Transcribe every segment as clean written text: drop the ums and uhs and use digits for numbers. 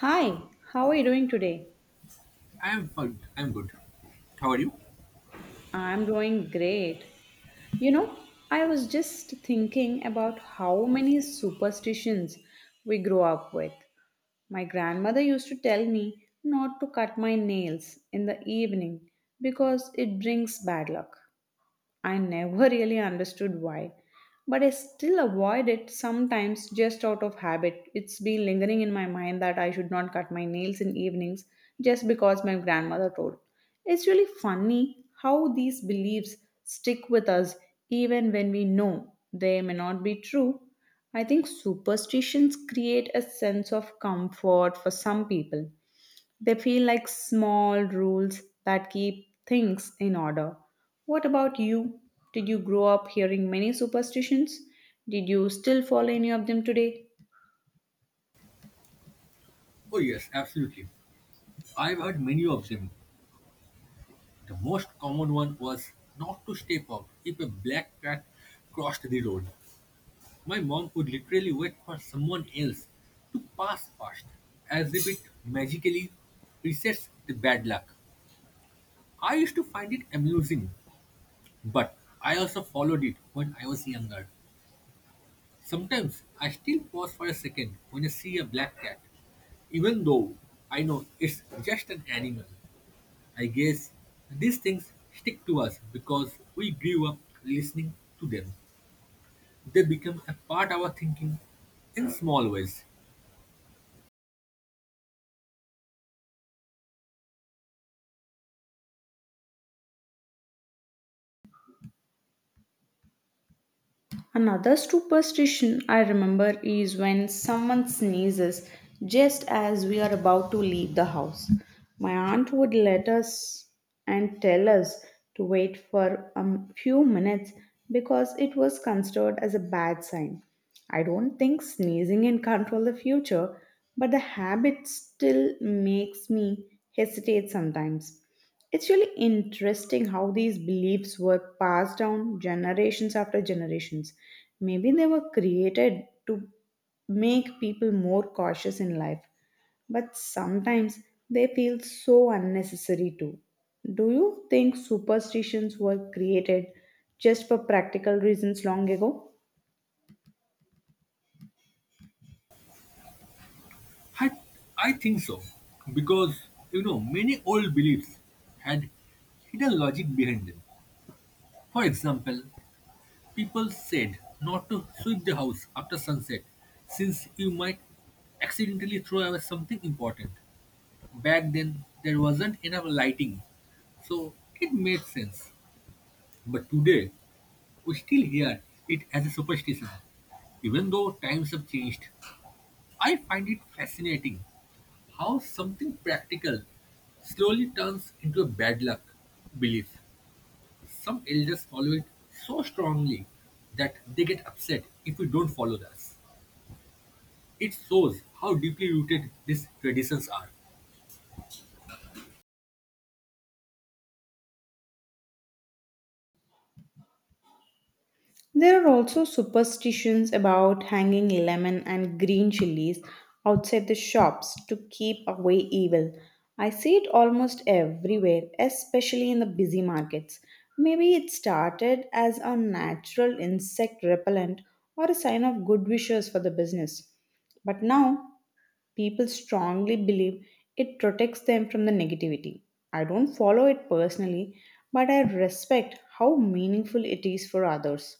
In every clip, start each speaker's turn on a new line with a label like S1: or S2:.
S1: Hi, how are you doing today?
S2: I am fine. I'm good. How are you?
S1: I'm doing great. You know, I was just thinking about how many superstitions we grew up with. My grandmother used to tell me not to cut my nails in the evening because it brings bad luck. I never really understood why, but I still avoid it sometimes just out of habit. It's been lingering in my mind that I should not cut my nails in evenings just because my grandmother told. It's really funny how these beliefs stick with us even when we know they may not be true. I think superstitions create a sense of comfort for some people, they feel like small rules that keep things in order. What about you? Did you grow up hearing many superstitions? Did you still follow any of them today?
S2: Oh yes, absolutely. I've heard many of them. The most common one was not to step out if a black cat crossed the road. My mom would literally wait for someone else to pass past, as if it magically resets the bad luck. I used to find it amusing, but I also followed it when I was younger. Sometimes I still pause for a second when I see a black cat. Even though I know it's just an animal, I guess these things stick to us because we grew up listening to them. They become a part of our thinking in small ways.
S1: Another superstition I remember is when someone sneezes just as we are about to leave the house. My aunt would let us and tell us to wait for few minutes because it was considered as a bad sign. I don't think sneezing can control the future, but the habit still makes me hesitate sometimes. It's really interesting how these beliefs were passed down generations after generations. Maybe they were created to make people more cautious in life, but sometimes they feel so unnecessary too. Do you think superstitions were created just for practical reasons long ago?
S2: I, I think so because you know many old beliefs had hidden logic behind them. For example, people said not to sweep the house after sunset since you might accidentally throw away something important. Back then, there wasn't enough lighting, so it made sense. But today, we still hear it as a superstition, even though times have changed. I find it fascinating how something practical slowly turns into a bad luck belief. Some elders follow it so strongly that they get upset if we don't follow this. It shows how deeply rooted these traditions are.
S1: There are also superstitions about hanging lemon and green chilies outside the shops to keep away evil. I see it almost everywhere, especially in the busy markets. Maybe it started as a natural insect repellent or a sign of good wishes for the business. But now people strongly believe it protects them from the negativity. I don't follow it personally, but I respect how meaningful it is for others.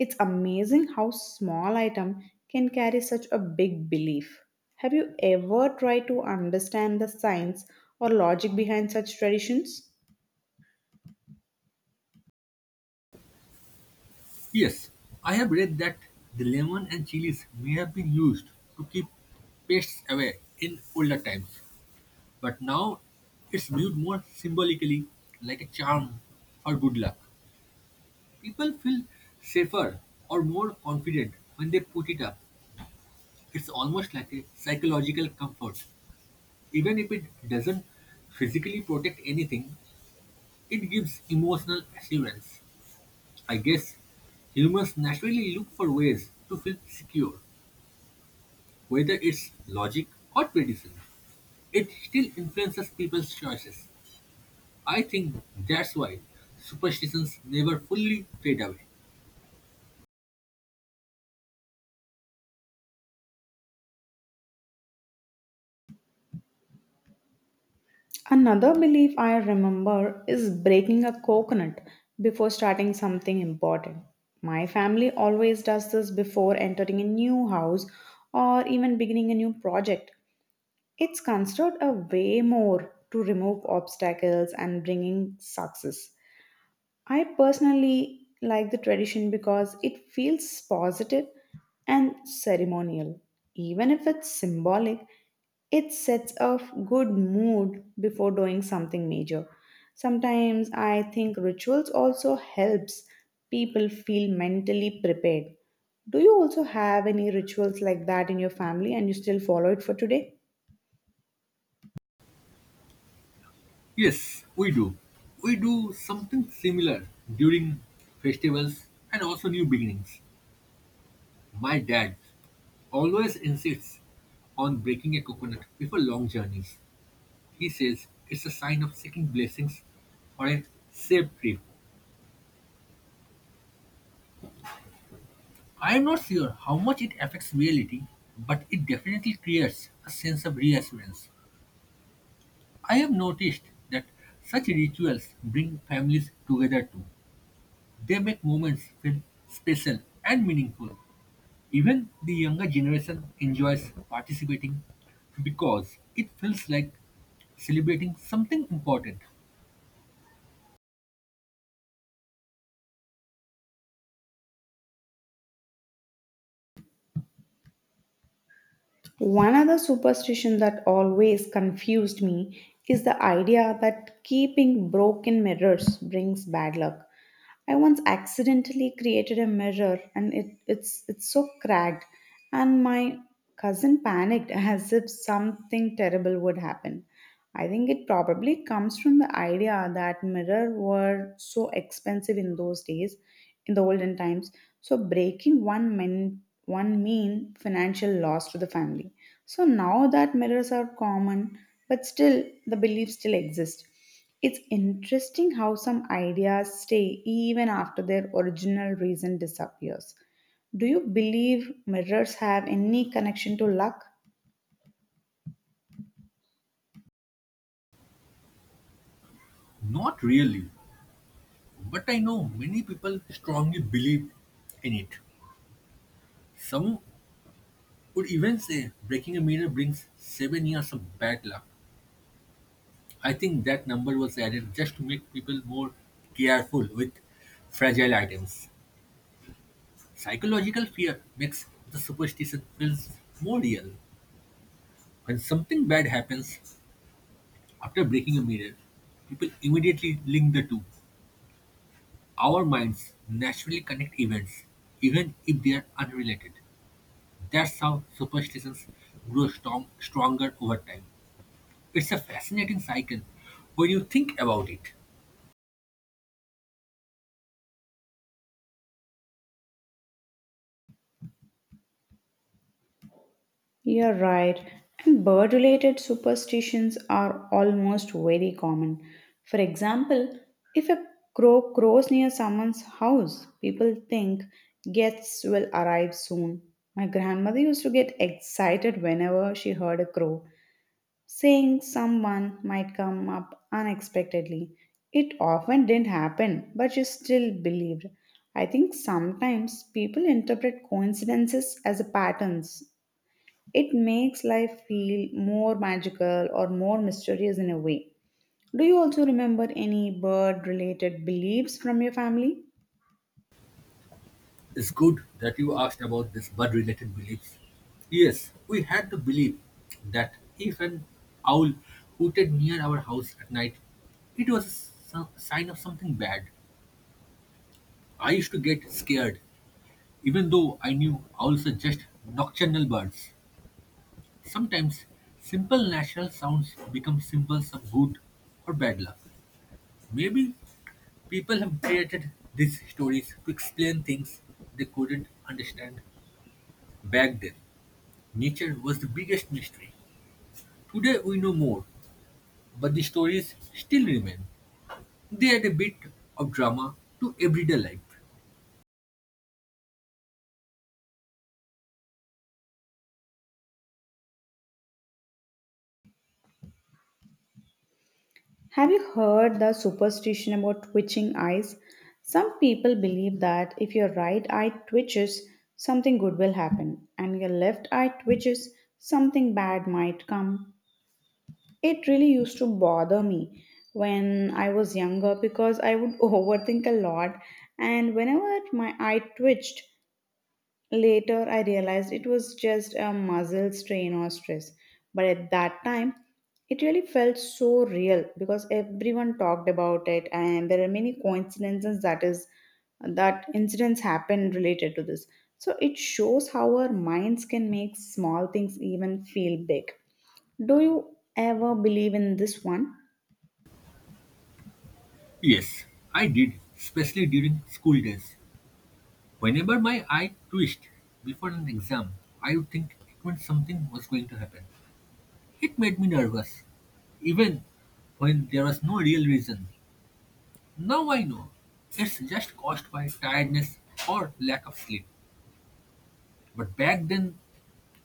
S1: It's amazing how small item can carry such a big belief. Have you ever tried to understand the science or logic behind such traditions?
S2: Yes, I have read that the lemon and chilies may have been used to keep pests away in older times, but now it's viewed more symbolically like a charm or good luck. People feel safer or more confident when they put it up. It's almost like a psychological comfort. Even if it doesn't physically protect anything, it gives emotional assurance. I guess humans naturally look for ways to feel secure. Whether it's logic or tradition, it still influences people's choices. I think that's why superstitions never fully fade away.
S1: Another belief I remember is breaking a coconut before starting something important. My family always does this before entering a new house or even beginning a new project. It's considered a way more to remove obstacles and bringing success. I personally like the tradition because it feels positive and ceremonial. Even if it's symbolic, it sets off good mood before doing something major. Sometimes I think rituals also helps people feel mentally prepared. Do you also have any rituals like that in your family and you still follow it for today?
S2: Yes, we do. We do something similar during festivals and also new beginnings. My dad always insists on breaking a coconut before long journeys. He says it's a sign of seeking blessings or a safe trip. I am not sure how much it affects reality, but it definitely creates a sense of reassurance. I have noticed that such rituals bring families together too. They make moments feel special and meaningful. Even the younger generation enjoys participating because it feels like celebrating something important.
S1: One other superstition that always confused me is the idea that keeping broken mirrors brings bad luck. I once accidentally created a mirror and it's so cracked and my cousin panicked as if something terrible would happen. I think it probably comes from the idea that mirrors were so expensive in those days, in the olden times. So breaking one meant one mean financial loss to the family. So now that mirrors are common, but still the beliefs still exist. It's interesting how some ideas stay even after their original reason disappears. Do you believe mirrors have any connection to luck?
S2: Not really, but I know many people strongly believe in it. Some would even say breaking a mirror brings 7 years of bad luck. I think that number was added just to make people more careful with fragile items. Psychological fear makes the superstition feels more real. When something bad happens after breaking a mirror, people immediately link the two. Our minds naturally connect events, even if they are unrelated. That's how superstitions grow stronger over time. It's a fascinating cycle when you think about it.
S1: You're right. And bird related superstitions are almost very common. For example, if a crow crows near someone's house, people think guests will arrive soon. My grandmother used to get excited whenever she heard a crow, saying someone might come up unexpectedly. It often didn't happen, but she still believed. I think sometimes people interpret coincidences as patterns, it makes life feel more magical or more mysterious in a way. Do you also remember any bird related beliefs from your family?
S2: It's good that you asked about this bird related beliefs. Yes, we had the belief that if an owl hooted near our house at night, it was a sign of something bad. I used to get scared, even though I knew owls are just nocturnal birds. Sometimes simple natural sounds become symbols of good or bad luck. Maybe people have created these stories to explain things they couldn't understand back then. Nature was the biggest mystery. Today we know more, but the stories still remain. They add a bit of drama to everyday life.
S1: Have you heard the superstition about twitching eyes? Some people believe that if your right eye twitches, something good will happen, and your left eye twitches, something bad might come. It really used to bother me when I was younger because I would overthink a lot, and whenever my eye twitched, later, I realized it was just a muscle strain or stress. But at that time, it really felt so real because everyone talked about it, and there are many coincidences that incidents happen related to this. So it shows how our minds can make small things even feel big. Do you ever believe in this one?
S2: Yes, I did, especially during school days. Whenever my eye twitched before an exam, I would think it meant something was going to happen. It made me nervous even when there was no real reason. Now I know it's just caused by tiredness or lack of sleep. But back then,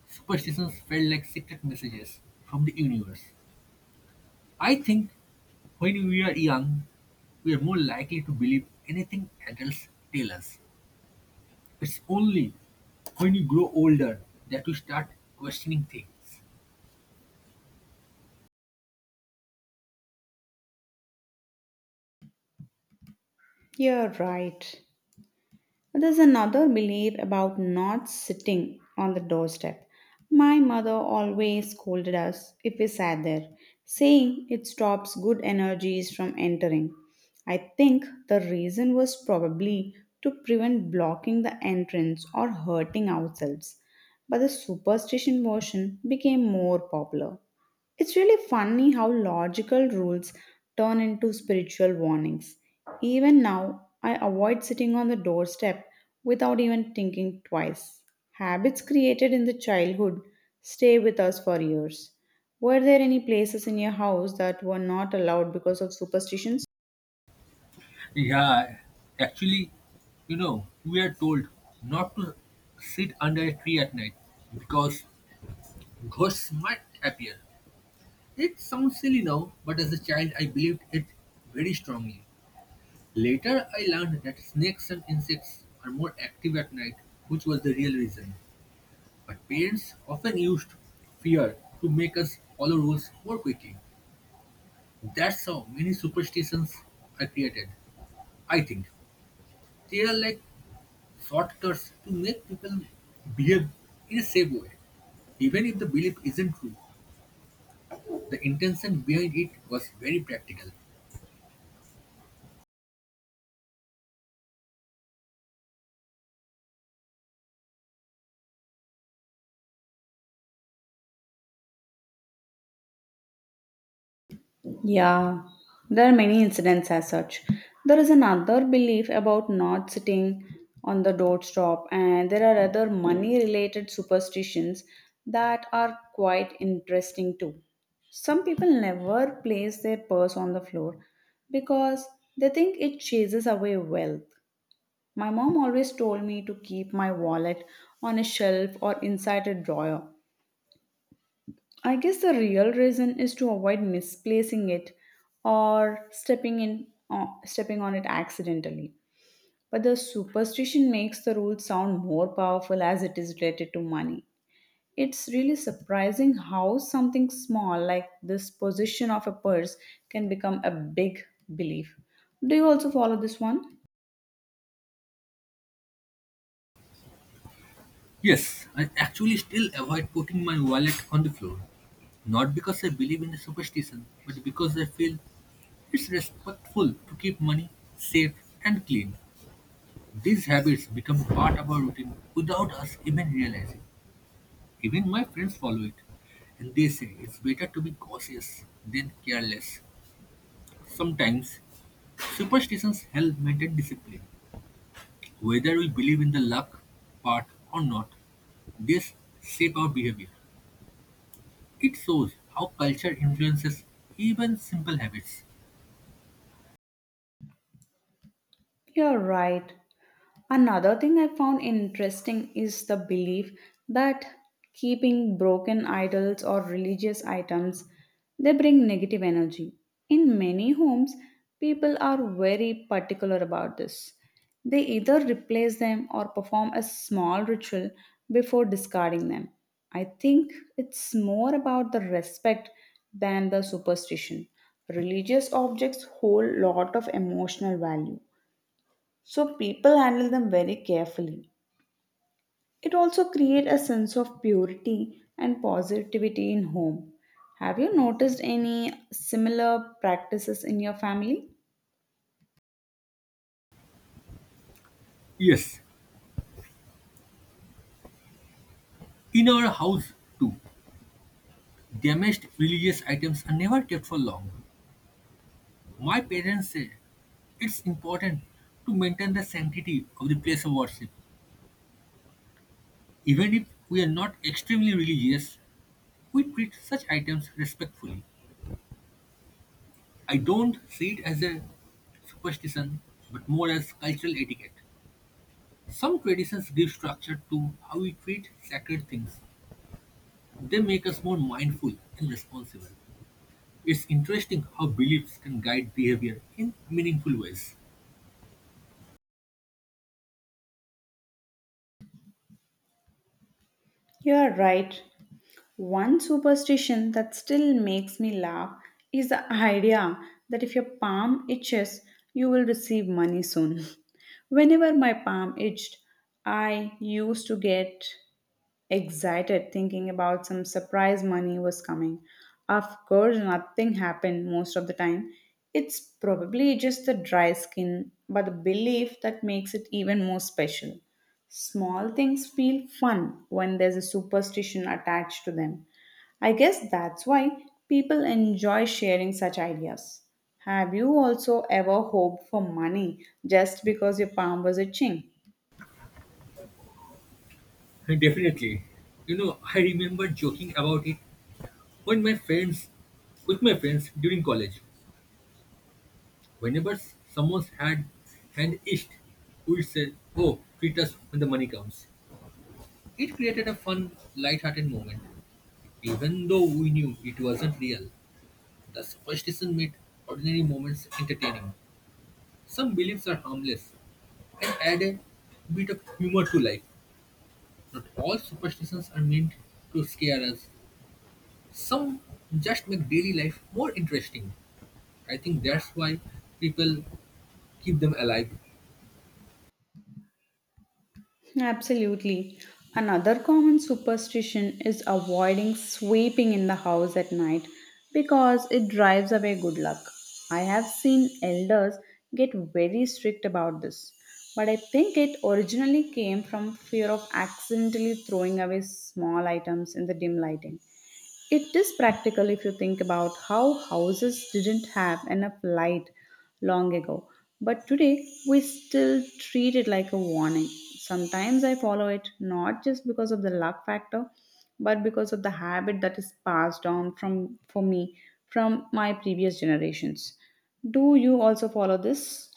S2: superstitions felt like secret messages from the universe. I think when we are young, we are more likely to believe anything adults tell us. It's only when you grow older that you start questioning things.
S1: You're right. There's another belief about not sitting on the doorstep. My mother always scolded us if we sat there, saying it stops good energies from entering. I think the reason was probably to prevent blocking the entrance or hurting ourselves, but the superstition version became more popular. It's really funny how logical rules turn into spiritual warnings. Even now, I avoid sitting on the doorstep without even thinking twice. Habits created in the childhood stay with us for years. Were there any places in your house that were not allowed because of superstitions?
S2: Yeah, actually, you know, we are told not to sit under a tree at night because ghosts might appear. It sounds silly now, but as a child I believed it very strongly. Later I learned that snakes and insects are more active at night, which was the real reason. But parents often used fear to make us follow rules more quickly. That's how many superstitions are created, I think. They are like shortcuts to make people behave in a safe way. Even if the belief isn't true, the intention behind it was very practical.
S1: Yeah, there are many incidents as such. There is another belief about not sitting on the doorstop, and there are other money related superstitions that are quite interesting too. Some people never place their purse on the floor because they think it chases away wealth. My mom always told me to keep my wallet on a shelf or inside a drawer. I guess the real reason is to avoid misplacing it or stepping on it accidentally. But the superstition makes the rule sound more powerful as it is related to money. It's really surprising how something small like this position of a purse can become a big belief. Do you also follow this one?
S2: Yes, I actually still avoid putting my wallet on the floor. Not because I believe in the superstition, but because I feel it's respectful to keep money safe and clean. These habits become part of our routine without us even realizing. Even my friends follow it, and they say it's better to be cautious than careless. Sometimes, superstitions help maintain discipline, whether we believe in the luck part or not. This shape our behavior. It shows how culture influences even simple habits.
S1: You're right. Another thing I found interesting is the belief that keeping broken idols or religious items they bring negative energy. In many homes, people are very particular about this. They either replace them or perform a small ritual before discarding them. I think it's more about the respect than the superstition. Religious objects hold lot of emotional value, so people handle them very carefully. It also creates a sense of purity and positivity in home. Have you noticed any similar practices in your family?
S2: Yes, in our house too, damaged religious items are never kept for long. My parents say it's important to maintain the sanctity of the place of worship. Even if we are not extremely religious, we treat such items respectfully. I don't see it as a superstition, but more as cultural etiquette. Some traditions give structure to how we treat sacred things. They make us more mindful and responsible. It's interesting how beliefs can guide behavior in meaningful ways.
S1: You are right. One superstition that still makes me laugh is the idea that if your palm itches, you will receive money soon. Whenever my palm itched, I used to get excited thinking about some surprise money was coming. Of course, nothing happened most of the time. It's probably just the dry skin, but the belief that makes it even more special. Small things feel fun when there's a superstition attached to them. I guess that's why people enjoy sharing such ideas. Have you also ever hoped for money just because your palm was itching?
S2: Definitely. You know, I remember joking about it when my friends, with my friends during college. Whenever someone had hand itched, we'd say, "Oh, treat us when the money comes." It created a fun, light-hearted moment, even though we knew it wasn't real. The superstition made ordinary moments entertaining. Some beliefs are harmless, and add a bit of humor to life. Not all superstitions are meant to scare us. Some just make daily life more interesting. I think that's why people keep them alive.
S1: Absolutely. Another common superstition is avoiding sweeping in the house at night because it drives away good luck. I have seen elders get very strict about this, but I think it originally came from fear of accidentally throwing away small items in the dim lighting. It is practical if you think about how houses didn't have enough light long ago, but today we still treat it like a warning. Sometimes I follow it not just because of the luck factor, but because of the habit that is passed down from for me from my previous generations. Do you also follow this?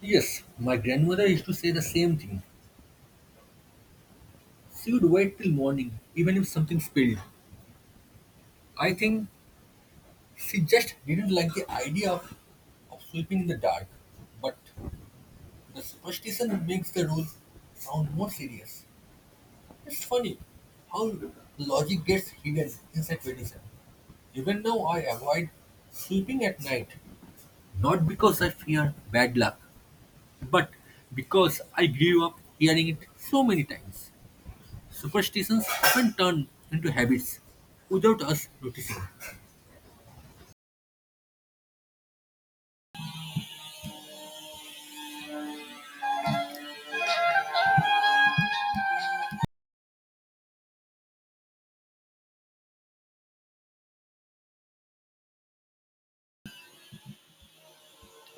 S2: Yes, my grandmother used to say the same thing. She would wait till morning, even if something spilled. I think she just didn't like the idea of sleeping in the dark. But the superstition makes the rule sound more serious. It's funny how logic gets hidden inside tradition. Even now, I avoid sleeping at night, not because I fear bad luck, but because I grew up hearing it so many times. Superstitions often turn into habits without us noticing.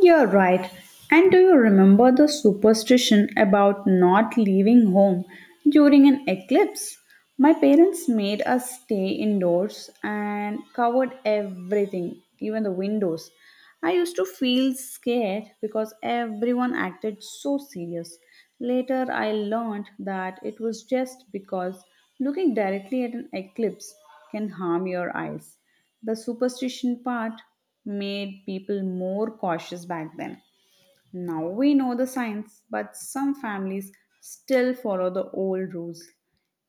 S1: You're right. And do you remember the superstition about not leaving home during an eclipse? My parents made us stay indoors and covered everything, even the windows. I used to feel scared because everyone acted so serious. Later, I learned that it was just because looking directly at an eclipse can harm your eyes. The superstition part made people more cautious back then. Now we know the science, but some families still follow the old rules.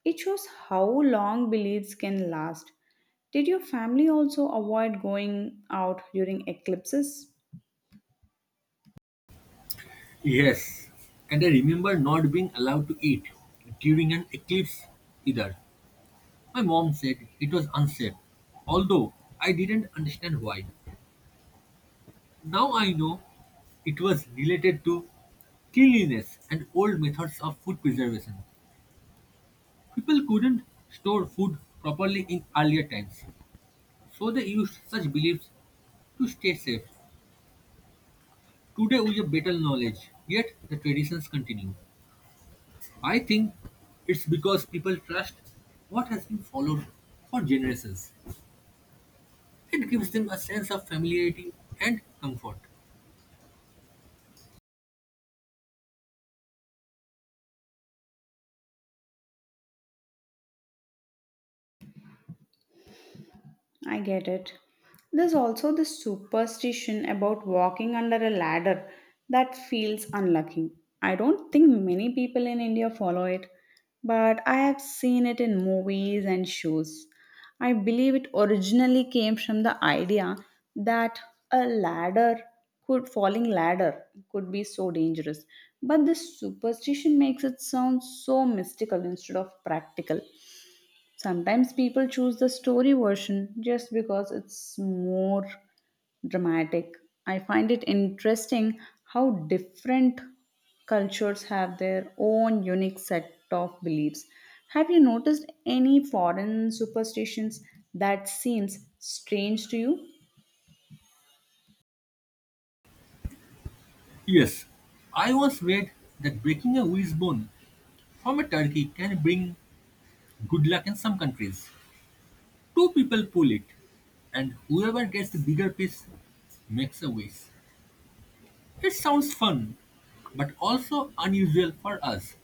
S1: It shows how long beliefs can last. Did your family also avoid going out during eclipses?
S2: Yes, and I remember not being allowed to eat during an eclipse either. My mom said it was unsafe, although I didn't understand why. Now I know it was related to cleanliness and old methods of food preservation. People couldn't store food properly in earlier times, so they used such beliefs to stay safe. Today we have better knowledge, yet the traditions continue. I think it's because people trust what has been followed for generations. It gives them a sense of familiarity and comfort.
S1: I get it. There's also the superstition about walking under a ladder that feels unlucky. I don't think many people in India follow it, but I have seen it in movies and shows. I believe it originally came from the idea that a ladder could falling ladder could be so dangerous. But this superstition makes it sound so mystical instead of practical. Sometimes people choose the story version just because it's more dramatic. I find it interesting how different cultures have their own unique set of beliefs. Have you noticed any foreign superstitions that seems strange to you?
S2: Yes, I once read that breaking a wishbone from a turkey can bring good luck in some countries. Two people pull it, and whoever gets the bigger piece makes a wish. It sounds fun, but also unusual for us.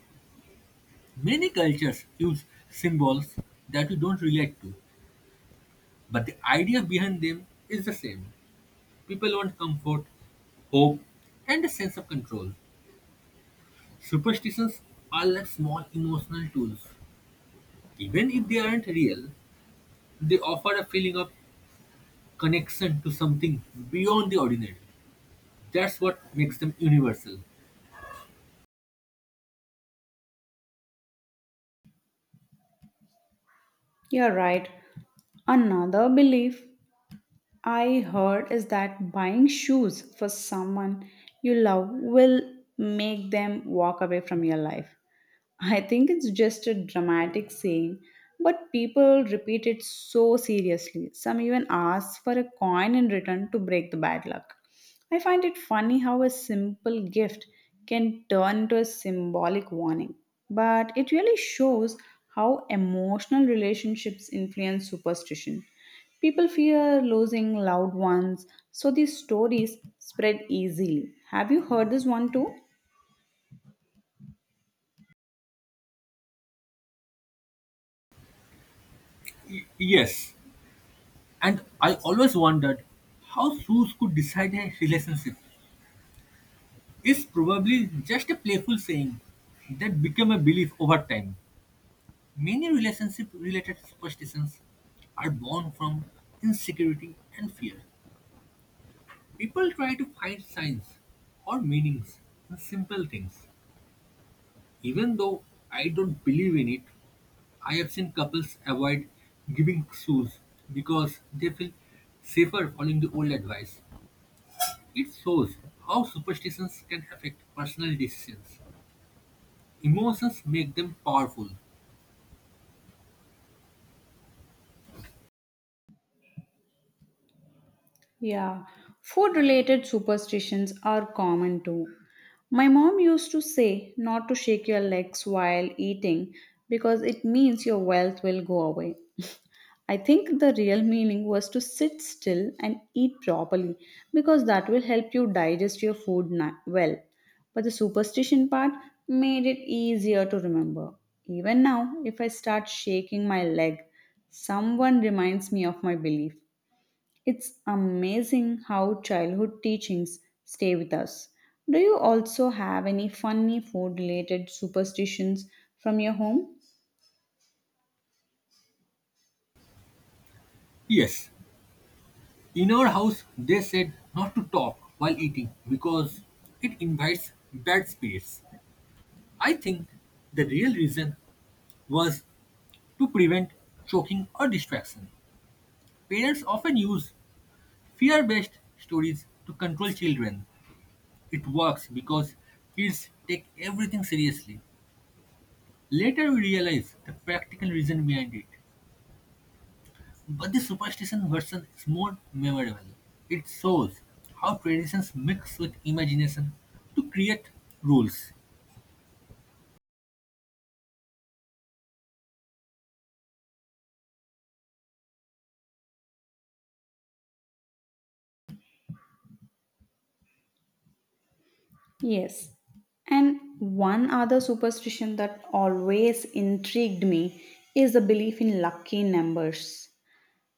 S2: Many cultures use symbols that we don't relate to, but the idea behind them is the same. People want comfort, hope, and a sense of control. Superstitions are like small emotional tools. Even if they aren't real, they offer a feeling of connection to something beyond the ordinary. That's what makes them universal.
S1: You're right. Another belief I heard is that buying shoes for someone you love will make them walk away from your life. I think it's just a dramatic saying, but people repeat it so seriously. Some even ask for a coin in return to break the bad luck. I find it funny how a simple gift can turn into a symbolic warning, but it really shows how emotional relationships influence superstition. People fear losing loved ones, so these stories spread easily. Have you heard this one too?
S2: Yes, and I always wondered how shoes could decide a relationship. It's probably just a playful saying that became a belief over time. Many relationship related superstitions are born from insecurity and fear. People try to find signs or meanings in simple things. Even though I don't believe in it, I have seen couples avoid giving shoes because they feel safer following the old advice. It shows how superstitions can affect personal decisions. Emotions make them powerful.
S1: Yeah, food related superstitions are common too. My mom used to say not to shake your legs while eating because it means your wealth will go away. I think the real meaning was to sit still and eat properly because that will help you digest your well. But the superstition part made it easier to remember. Even now, if I start shaking my leg, someone reminds me of my belief. It's amazing how childhood teachings stay with us. Do you also have any funny food related superstitions from your home?
S2: Yes, in our house they said not to talk while eating because it invites bad spirits. I think the real reason was to prevent choking or distraction. Parents often use fear based stories to control children. It works because kids take everything seriously. Later we realize the practical reason behind it. But the superstition version is more memorable. It shows how traditions mix with imagination to create rules.
S1: Yes. And one other superstition that always intrigued me is the belief in lucky numbers.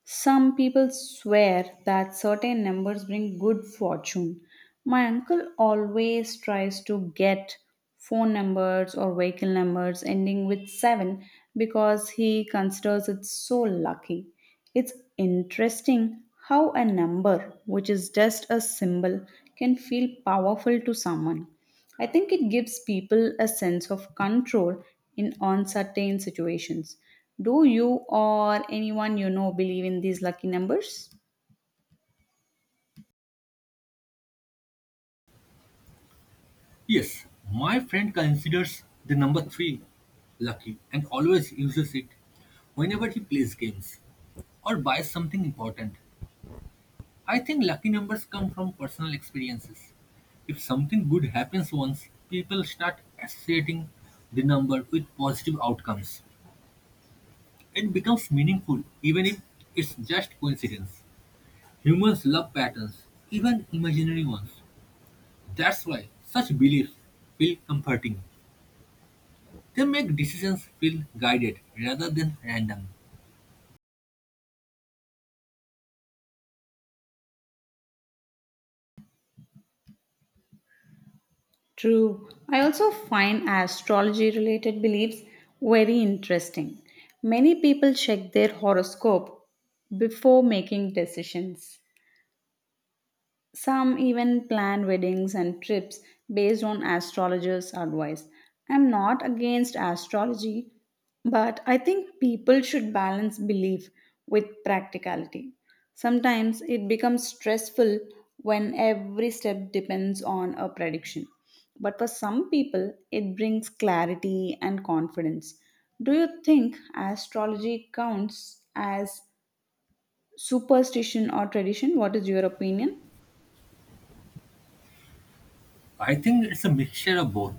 S1: Some people swear that certain numbers bring good fortune. My uncle always tries to get phone numbers or vehicle numbers ending with 7 because he considers it so lucky. It's interesting how a number, which is just a symbol, can feel powerful to someone. I think it gives people a sense of control in uncertain situations. Do you or anyone you know believe in these lucky numbers?
S2: Yes, my friend considers the number 3 lucky and always uses it whenever he plays games or buys something important. I think lucky numbers come from personal experiences. If something good happens once, people start associating the number with positive outcomes. It becomes meaningful even if it's just coincidence. Humans love patterns, even imaginary ones. That's why such beliefs feel comforting. They make decisions feel guided rather than random.
S1: True. I also find astrology related beliefs very interesting. Many people check their horoscope before making decisions. Some even plan weddings and trips based on astrologers' advice. I'm not against astrology, but I think people should balance belief with practicality. Sometimes it becomes stressful when every step depends on a prediction. But for some people, it brings clarity and confidence. Do you think astrology counts as superstition or tradition? What is your opinion?
S2: I think it's a mixture of both.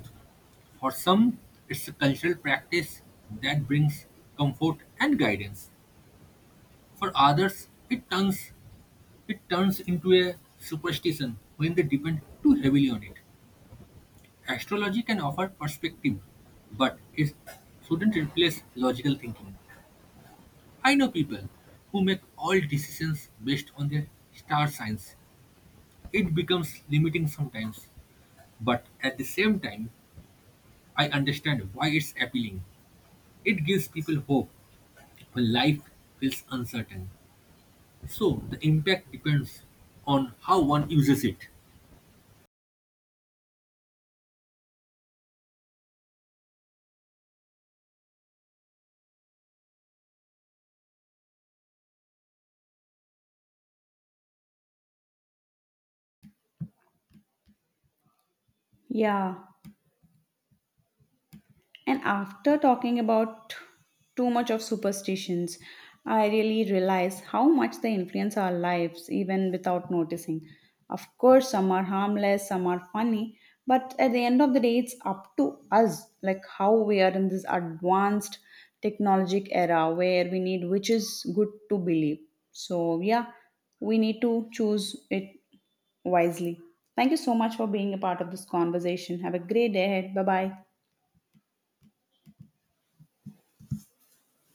S2: For some, it's a cultural practice that brings comfort and guidance. For others, it turns into a superstition when they depend too heavily on it. Astrology can offer perspective, but it shouldn't replace logical thinking. I know people who make all decisions based on their star signs. It becomes limiting sometimes, but at the same time, I understand why it's appealing. It gives people hope when life feels uncertain. So the impact depends on how one uses it.
S1: Yeah, and after talking about too much of superstitions, I really realize how much they influence our lives even without noticing. Of course, some are harmless, some are funny, but at the end of the day, it's up to us, like how we are in this advanced technologic era where we need which is good to believe. So, yeah, we need to choose it wisely. Thank you so much for being a part of this conversation. Have a great day ahead. Bye bye.